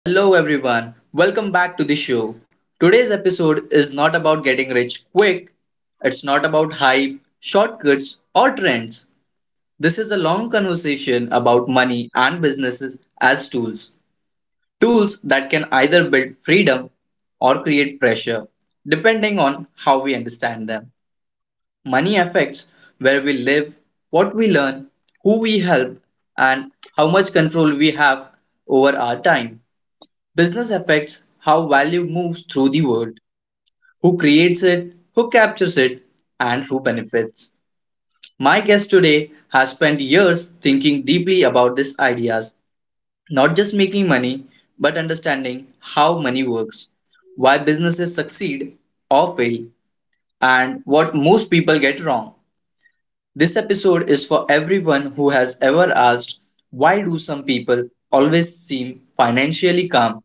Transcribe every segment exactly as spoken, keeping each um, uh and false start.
Hello, everyone. Welcome back to the show. Today's episode is not about getting rich quick, it's not about hype, shortcuts, or trends. This is a long conversation about money and businesses as tools. Tools that can either build freedom or create pressure, depending on how we understand them. Money affects where we live, what we learn, who we help, and how much control we have over our time. Business affects how value moves through the world, who creates it, who captures it, and who benefits. My guest today has spent years thinking deeply about these ideas, not just making money, but understanding how money works, why businesses succeed or fail, and what most people get wrong. This episode is for everyone who has ever asked, why do some people always seem financially calm?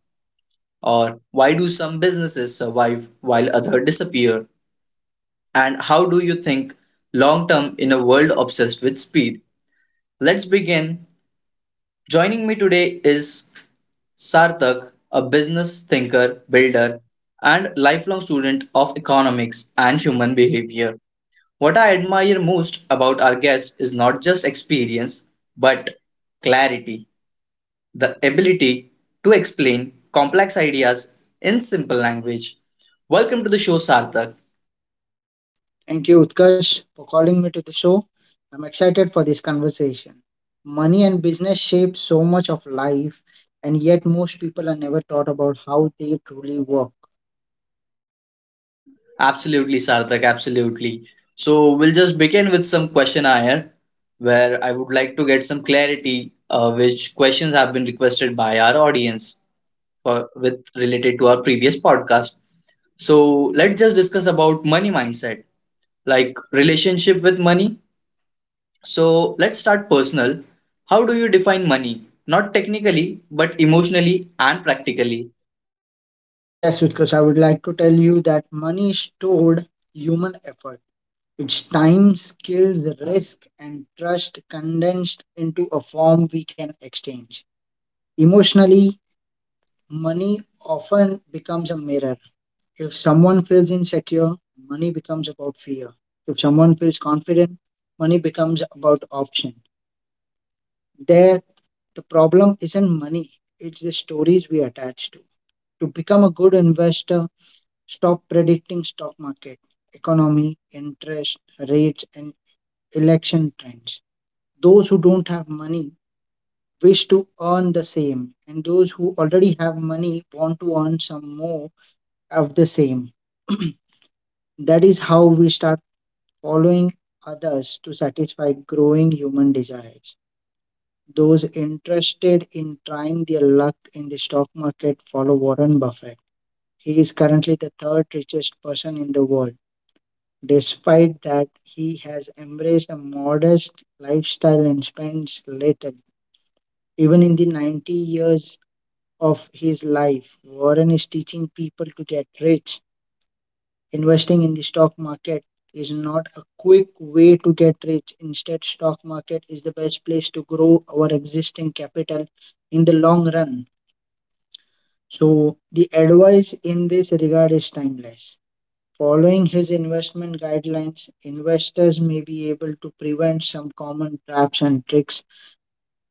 Or why do some businesses survive while others disappear? And how do you think long term in a world obsessed with speed? Let's begin. Joining me today is Sarthak, a business thinker, builder, and lifelong student of economics and human behavior. What I admire most about our guest is not just experience, but clarity, the ability to explain complex ideas in simple language. Welcome to the show, Sarthak. Thank you, Utkarsh, for calling me to the show. I'm excited for this conversation. Money and business shape so much of life, and yet most people are never taught about how they truly work. Absolutely, Sarthak, absolutely. So, we'll just begin with some question here, where I would like to get some clarity, uh, which questions have been requested by our audience for with related to our previous podcast. So, let's just discuss about money mindset, like relationship with money. So let's start personal. How do you define money? Not technically, but emotionally and practically. Yes, Utkarsh, I would like to tell you that money is stored human effort. It's time, skills, risk, and trust condensed into a form we can exchange. Emotionally, money often becomes a mirror. If someone feels insecure, money becomes about fear. If someone feels confident, money becomes about option. There, the problem isn't money, it's the stories we attach to. To become a good investor, stop predicting stock market, economy, interest, rates, and election trends. Those who don't have money wish to earn the same, and those who already have money want to earn some more of the same. That is how we start following others to satisfy growing human desires. Those interested in trying their luck in the stock market follow Warren Buffett. He is currently the third richest person in the world. Despite that, he has embraced a modest lifestyle and spends little. Even in the ninety years of his life, Warren is teaching people to get rich. Investing in the stock market is not a quick way to get rich. Instead, stock market is the best place to grow our existing capital in the long run. So the advice in this regard is timeless. Following his investment guidelines, investors may be able to prevent some common traps and tricks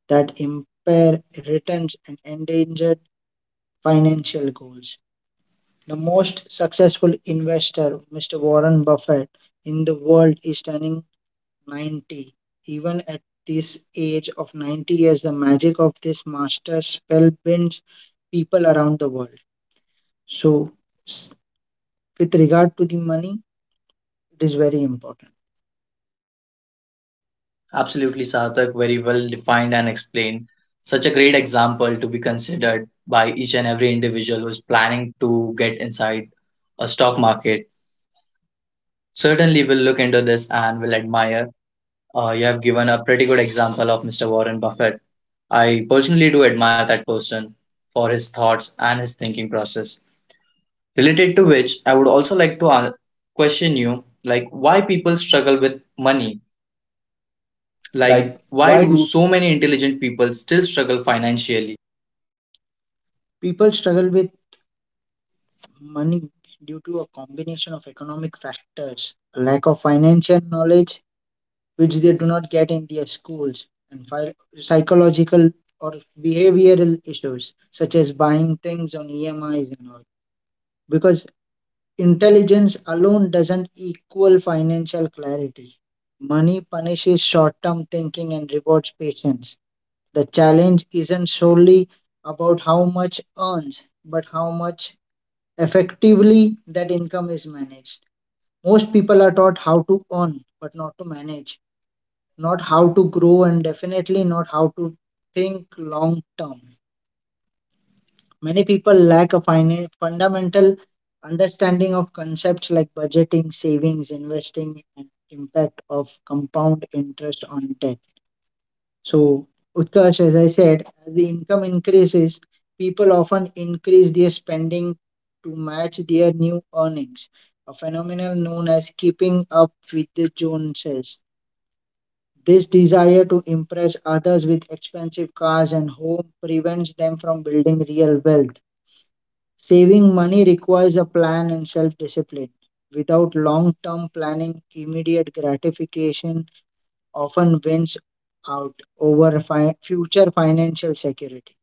that impair returns and endanger financial goals. The most successful investor, mister Warren Buffett, in the world is turning ninety. Even at this age of ninety years, the magic of this master spell bends people around the world. So, s- with regard to the money, it is very important. Absolutely, Sarthak, very well defined and explained. Such a great example to be considered by each and every individual who's planning to get inside a stock market. Certainly, we'll look into this and will admire. Uh, you have given a pretty good example of Mister Warren Buffett. I personally do admire that person for his thoughts and his thinking process. Related to which, I would also like to a- question you, like, why people struggle with money? Like, Like, why why do do so many intelligent people still struggle financially? People struggle with money due to a combination of economic factors, a lack of financial knowledge, which they do not get in their schools, and phy- psychological or behavioral issues, such as buying things on E M Is and all. Because Intelligence alone doesn't equal financial clarity. Money punishes short term thinking and rewards patience. The challenge isn't solely about how much earns, but how much effectively that income is managed. Most people are taught how to earn, but not to manage, not how to grow, and definitely not how to think long term. Many people lack a fina- fundamental understanding of concepts like budgeting, savings, investing, and impact of compound interest on debt. So, Utkarsh, as I said, as the income increases, people often increase their spending to match their new earnings, a phenomenon known as keeping up with the Joneses. This desire to impress others with expensive cars and home prevents them from building real wealth. Saving money requires a plan and self discipline. Without long term planning, immediate gratification often wins out over fi- future financial security.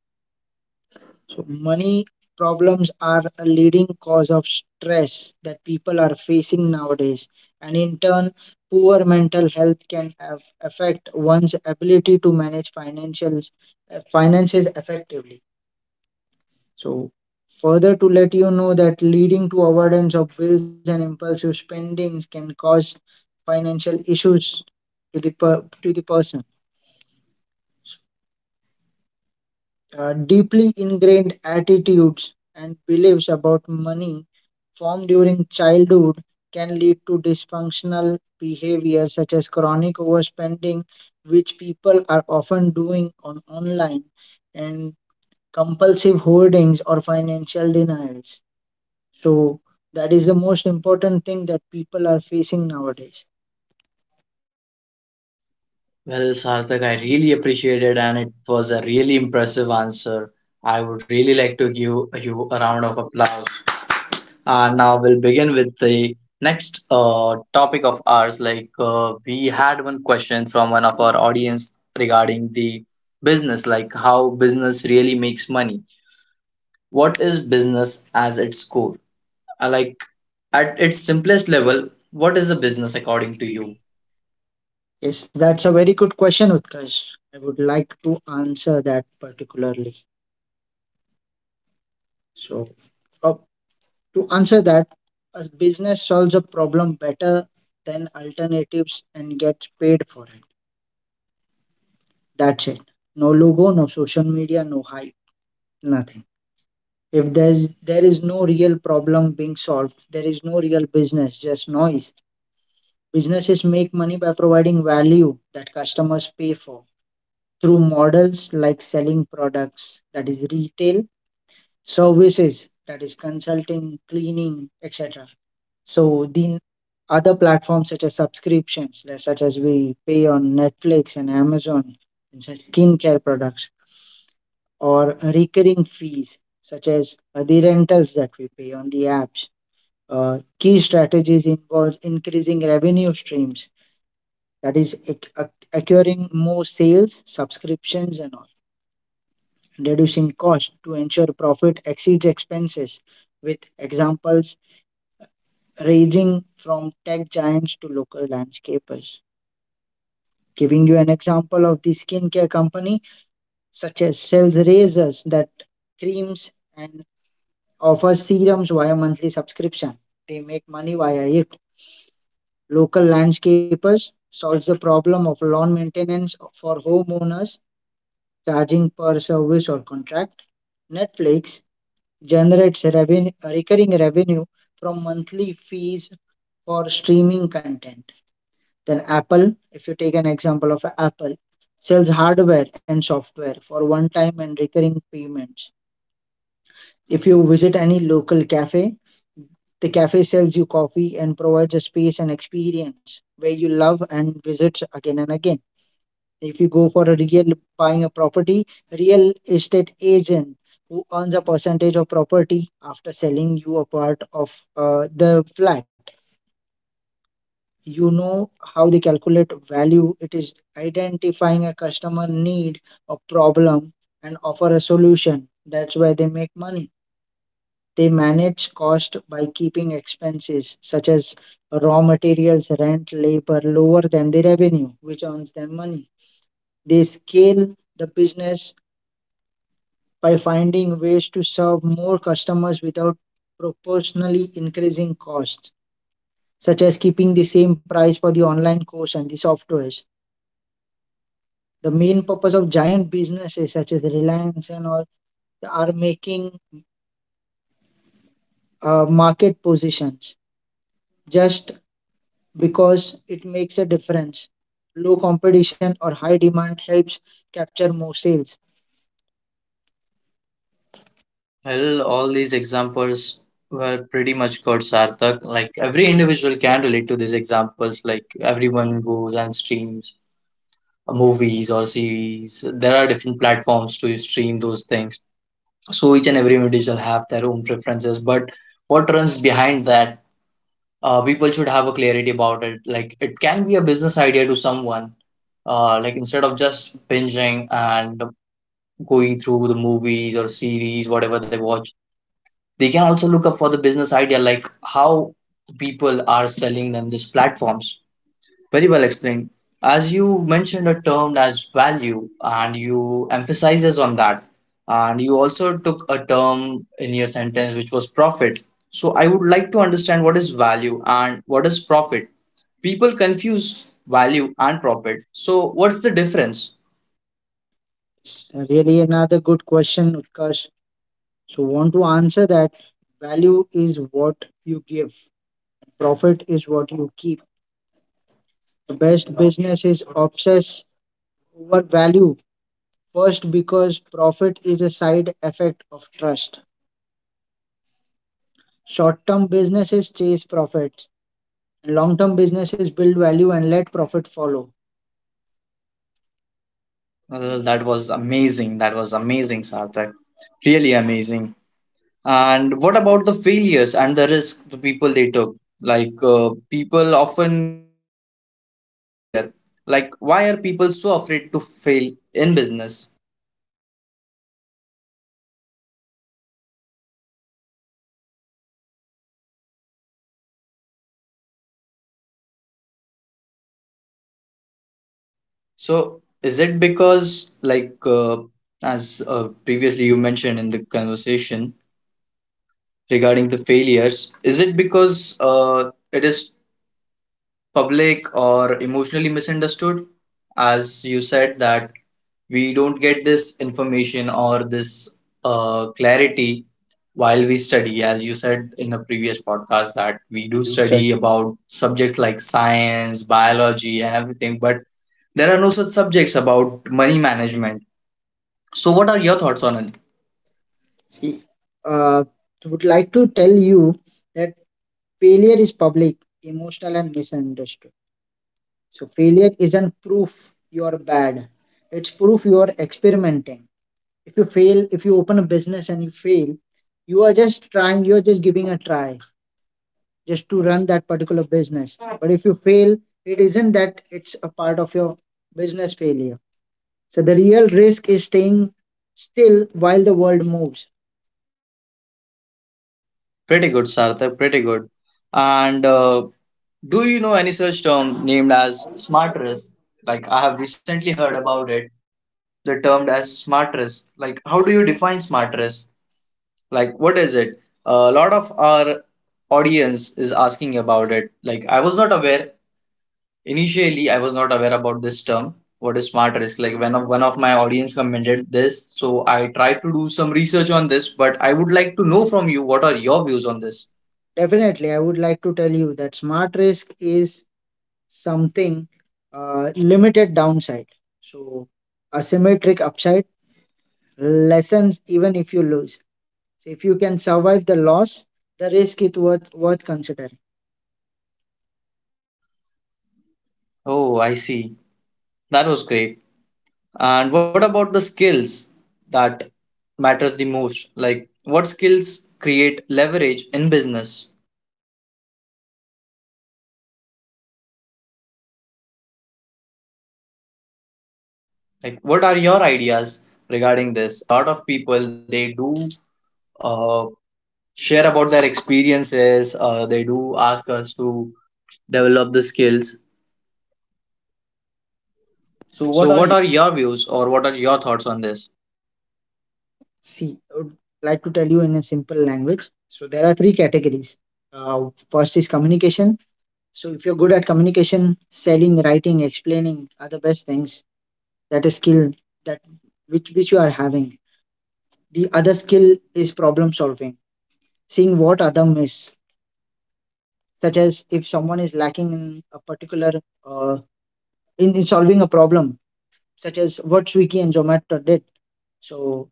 So, money problems are a leading cause of stress that people are facing nowadays, and in turn, poor mental health can have affect one's ability to manage financials, eh, finances effectively. So, further to let you know that leading to avoidance of bills and impulsive spendings can cause financial issues to the per- to the person. Uh, deeply ingrained attitudes and beliefs about money formed during childhood can lead to dysfunctional behavior such as chronic overspending, which people are often doing on online, and compulsive hoardings or financial denials. So that is the most important thing that people are facing nowadays. Well, Sarthak, I really appreciated and it was a really impressive answer. I would really like to give you a round of applause. And now we'll begin with the next uh, topic of ours. Like uh, we had one question from one of our audience regarding the business, like how business really makes money. What is business as its core? Uh, Like at its simplest level, what is a business according According to to you? you? Yes, that's a very good question, Utkarsh. I would like to answer that particularly. So, uh, to answer that, a business solves a problem better than alternatives and gets paid for it. That's it. No logo, no social media, no hype, nothing. If there's there is no real problem being solved, there is no real business, just noise. Businesses make money by providing value that customers pay for through models like selling products, that is retail, services, that is consulting, cleaning, et cetera. So, the other platforms such as subscriptions, like- such as we pay on Netflix and Amazon, and such skincare products, or recurring fees, such as uh, the rentals that we pay on the apps. Uh, key strategies involve increasing revenue streams, that is ac- ac- acquiring more sales subscriptions, and all reducing cost to ensure profit exceeds expenses, with examples ranging from tech giants to local landscapers. Giving you an example of the skincare company, such as sells razors that creams and offers serums via monthly subscription, they make money via it. Local landscapers solves the problem of lawn maintenance for homeowners, charging per service or contract. Netflix generates reven- recurring revenue from monthly fees for streaming content. Then Apple, if you take an example of Apple, sells hardware and software for one-time and recurring payments. If you visit any local cafe, the cafe sells you coffee and provides a space and experience where you love and visit again and again. If you go for a real buying a property, real estate agent who earns a percentage of property after selling you a part of uh, the flat. You know how they calculate value. It is identifying a customer need, a problem, and offer a solution. That's why they make money. They manage cost by keeping expenses such as raw materials, rent, labor lower than the revenue, which earns them money. They scale the business by finding ways to serve more customers without proportionally increasing costs, such as keeping the same price for the online course and the softwares. The main purpose of giant businesses such as Reliance and all are making uh, market positions just because it makes a difference. Low competition or high demand helps capture more sales. Well, all these examples were pretty much good, Sarthak. Like every individual can relate to these examples. Like everyone goes and streams movies or series. There are different platforms to stream those things. So each and every individual have their own preferences. But what runs behind that, uh, people should have a clarity about it, like it can be a business idea to someone, uh, like instead of just binging and going through the movies or series, whatever they watch, they can also look up for the business idea, like how people are selling them these platforms. Very well explained. As you mentioned a term as value, and you emphasizes on that, and you also took a term in your sentence which was profit. So I would like to understand what is value and what is profit. People confuse value and profit. So what's the difference? It's really another good question, Utkarsh. So, want to answer that? Value is what you give. Profit is what you keep. The best business is obsess over value first because profit is a side effect of trust. Short term businesses chase profits, and long term businesses build value and let profit follow. Well, that was amazing. That was amazing, Sarthak. Really amazing. And what about the failures and the risk the people they took? Like, uh, people often fear of failure. Like why are people so afraid to fail in business? So So is is it it because because like like, uh, uh, as as uh, uh, previously previously you you mentioned mentioned in in the the conversation conversation regarding regarding the the failures, failures, is is it it because because uh, it is public or emotionally misunderstood, as you said that we don't get this information or this uh, clarity while we study, as you said in a previous podcast, that we we do do study? study about subjects like science, biology, and everything, but there are no such subjects about money management? So what are your thoughts on it? See, uh, I would like to tell you that failure is public, emotional, and misunderstood. So, failure isn't proof you're bad, it's proof you're experimenting. If you fail, if you open a business and you fail, you are just trying, you're just giving a try just to run that particular business. But if you fail, it isn't that it's a part of your business failure. So, the real risk is staying still while the world moves. Pretty good, Sarthak, pretty good. And uh, do you know any such term named as smart risk? Like I have recently heard about it. The term as smart risk. Like how do you define smart risk? Like what is it? A lot of our audience is asking about it. Like I was not aware initially. I was not aware about this term. What is smart risk? Like when of one of my audience commented this, so I tried to do some research on this. But I would like to know from you what are your views on this. Definitely, I would like to tell you that smart risk is something uh, limited downside. So asymmetric upside lessens even if you lose. So if you can survive the loss, the risk is worth worth considering. Oh, I see. That was great. And what about the skills that matters the most? Like what skills create leverage in business? Like what are your ideas regarding this? A lot of people they do, uh, share about their experiences. Uh, they do ask us to develop the skills. So, So what are what you? are your views or what are your thoughts on this? See, I would like to tell you in a simple language. So there are three categories. Uh, first is communication. So if you're good at communication, selling, writing, explaining are the best things. That is skill that which which you are having. The other skill is problem solving, seeing what other miss, such as if someone is lacking in a particular uh, in, in solving a problem, such as what Swiggy and Zomato did. So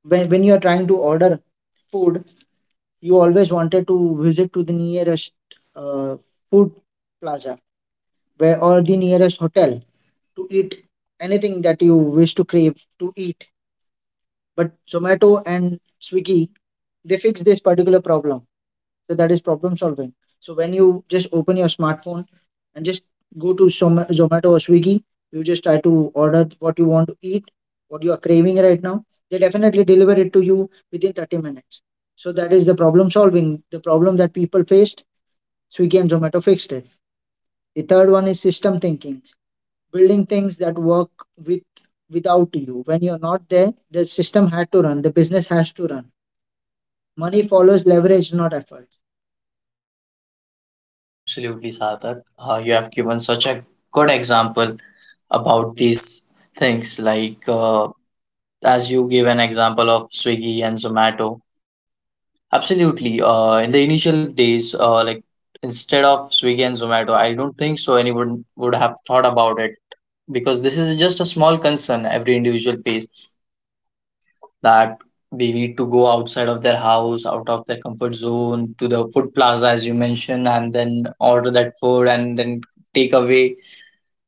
when when you are trying to order food, you always wanted to visit to the nearest uh, food plaza where or the nearest hotel to eat anything that you wish to crave to eat. But Zomato and Swiggy, they fix this particular problem. So that is problem solving. So when you just open your smartphone and just go to Zoma- Zomato or Swiggy, you just try to order what you want to eat, what you are craving right now. They definitely deliver it to you within thirty minutes. So that is the problem solving. The problem that people faced, Swiggy and Zomato fixed it. The third one is system thinking, building things that work with without you. When you're not there, the system had to run, the business has to run. Money follows leverage, not effort. Well, absolutely, Sarthak. Uh, you have given such a good example about these things, like, uh, as you gave an example of Swiggy and Zomato. Absolutely. Uh, in the initial days, uh, like instead of Swiggy and Zomato, I don't think so anyone would have thought about it, because this is just a small concern every individual face, that they need to go outside of their house, out of their comfort zone to the food plaza, as you mentioned, and then order that food, and then take away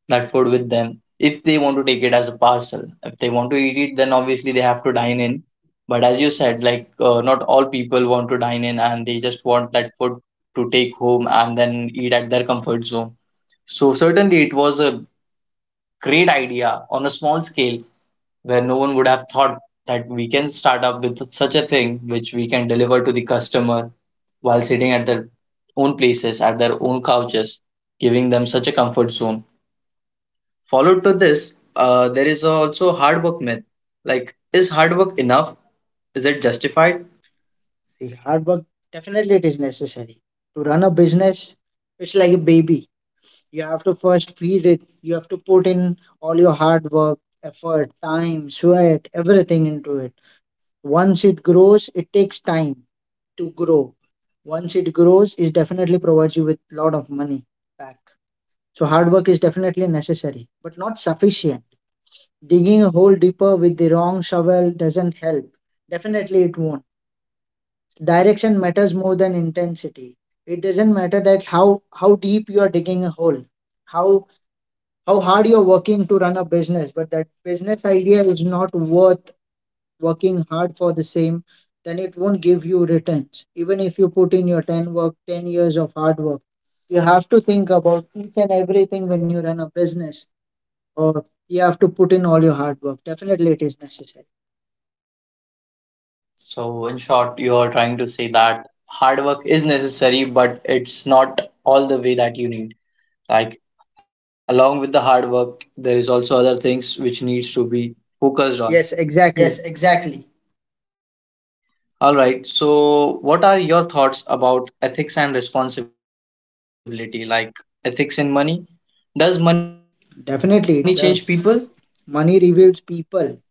that food with them. If they want to take it as a parcel, if they want to eat it, then obviously they have to dine in. But as you said, like, uh, not all people want to dine in, and they just want that food to take home and then eat at their comfort zone. So certainly it was a great idea on a small scale, where no one would have thought that we can start up with such a thing which we can deliver to the customer while sitting at their own places, at their own couches, giving them such a comfort zone. Followed to this, uh, there is also hard work myth. Like, is hard work enough? Is it justified? See, hard work, definitely it is necessary to run a business. It's like a baby. You have to first feed it. You have to put in all your hard work, effort, time, sweat, everything into it. Once it grows, it takes time to grow. Once it grows, it definitely provides you with a lot of money back. So hard work is definitely necessary, but not sufficient. Digging a hole deeper with the wrong shovel doesn't help. Definitely, it won't. Direction matters more than intensity. It doesn't matter that how how deep you are digging a hole, how how hard you're working to run a business, but that business idea is not worth working hard for the same, then it won't give you returns. Even if you put in your ten work, ten years of hard work, you have to think about each and everything when you run a business, or you have to put in all your hard work. Definitely, it is necessary. So, in short, you are trying to say that hard work is necessary, but it's not all the way that you need. Like, along with the hard work, there is also other things which needs to be focused on. Yes, Yes, exactly. exactly. All right. So, what are your thoughts about ethics and responsibility? Like, ethics in money? Does money change people? Definitely, it does. Money reveals people.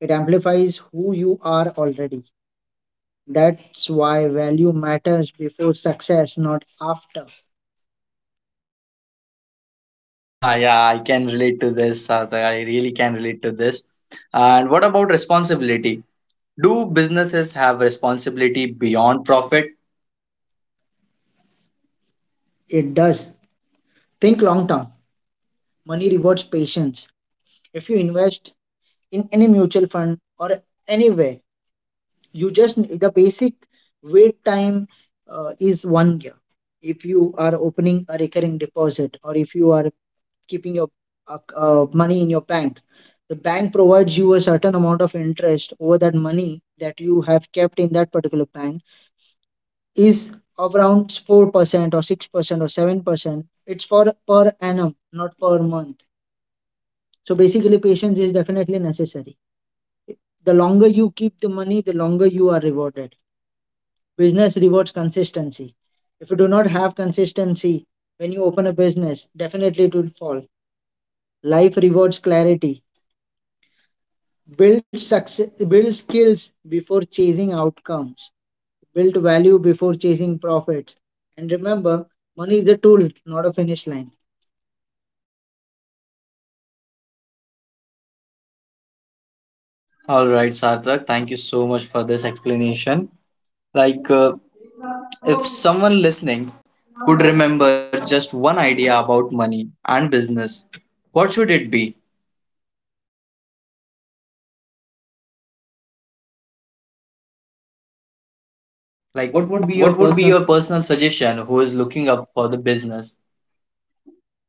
It amplifies who you are already. That's why value matters before success, not after. Yeah, I can relate to this, Sarthak. I really can relate to this. And what about responsibility? Do businesses have responsibility beyond profit? It does. Think long term. Money rewards patience. If you invest in any mutual fund or anywhere, you just the basic wait time uh, is one year. If you are opening a recurring deposit or if you are keeping your uh, uh, money in your bank. The bank provides you a certain amount of interest over that money that you have kept in that particular bank is of around four percent or six percent or seven percent. It's for per annum, not per month. So basically, patience is definitely necessary. The longer you keep the money, the longer you are rewarded. Business rewards consistency. If you do not have consistency when you open a business, definitely it will fall. Life rewards clarity. build success build skills before chasing outcomes, build value before chasing profits, and remember, money is a tool, not a finish line. All right, Sarthak, thank you so much for this explanation. Like, uh, if someone listening could remember just one idea about money and business, what should it be? Like, What would be your what would be personal, your personal suggestion who is looking up for the business?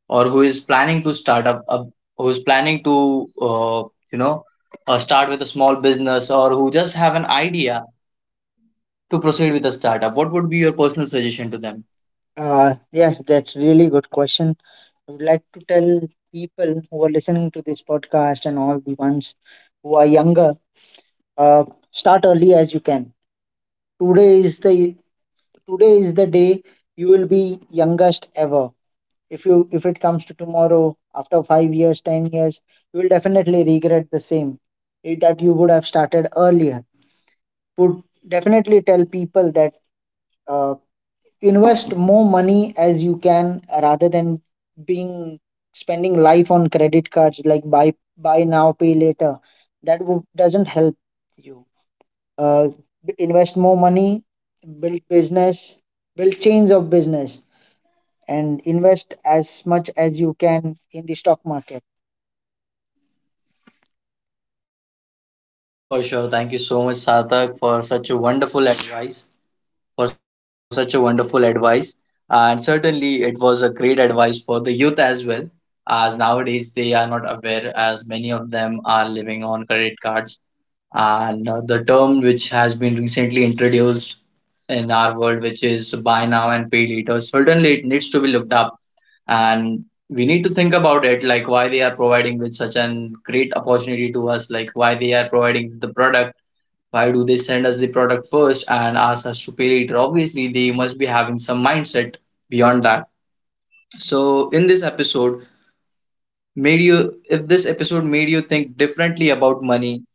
Or who is planning to start up, up who is planning to, uh, you know, uh, start with a small business, or who just have an idea to proceed with a startup? What would be your personal suggestion to them? uh, yes, that's really good question. I would like to tell people who are listening to this podcast and all the ones who are younger, uh, start early as you can. Today is the today is the day you will be youngest ever. If you if it comes to tomorrow, after five years, ten years, you will definitely regret the same, eh, that you would have started earlier. Would definitely tell people that, uh, invest more money as you can, rather than being spending life on credit cards like buy buy now pay later. That w- doesn't help you. uh, b- invest more money, build business, build chains of business, and invest as much as you can in the stock market. For sure, thank you so much, Sarthak, for such a wonderful advice, for such a wonderful advice. And certainly it was a great advice for the youth as well, as nowadays they are not aware, as many of them are living on credit cards. And uh, the term which has been recently introduced in our world, which is buy now and pay later. Certainly, it needs to be looked up, and we need to think about it, like why they are providing with such an great opportunity to us, like why they are providing the product. Why do they send us the product first and ask us to pay later? Obviously, they must be having some mindset beyond that. So, in this episode, made you if this episode made you think differently about money,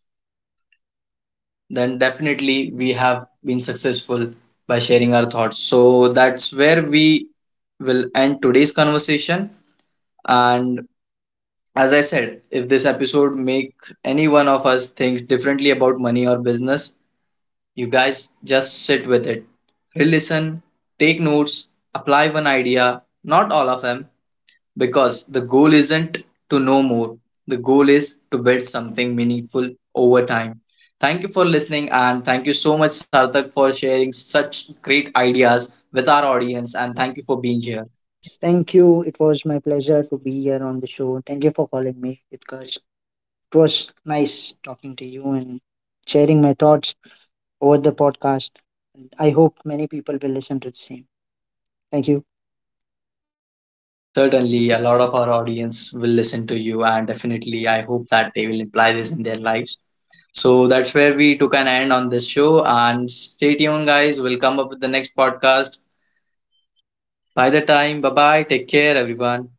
then definitely we have been successful by sharing our thoughts. So that's where we will end today's conversation. And as I said, if this episode makes any one of us think differently about money or business, you guys just sit with it. Re listen, take notes, apply one idea, not all of them, because the goal isn't to know more, the goal is to build something meaningful over time. Thank you for listening, and thank you so much, Sarthak, for sharing such great ideas with our audience. And thank you for being here. Yes, thank you. It was my pleasure to be here on the show. Thank you for calling me because it was nice talking to you and sharing my thoughts over the podcast. And I hope many people will listen to the same. Thank you. Certainly, a lot of our audience will listen to you, and definitely, I hope that they will apply this in their lives. So that's where we took an end on this show. And stay tuned, guys. We'll come up with the next podcast. By the time, bye bye. Take care, everyone.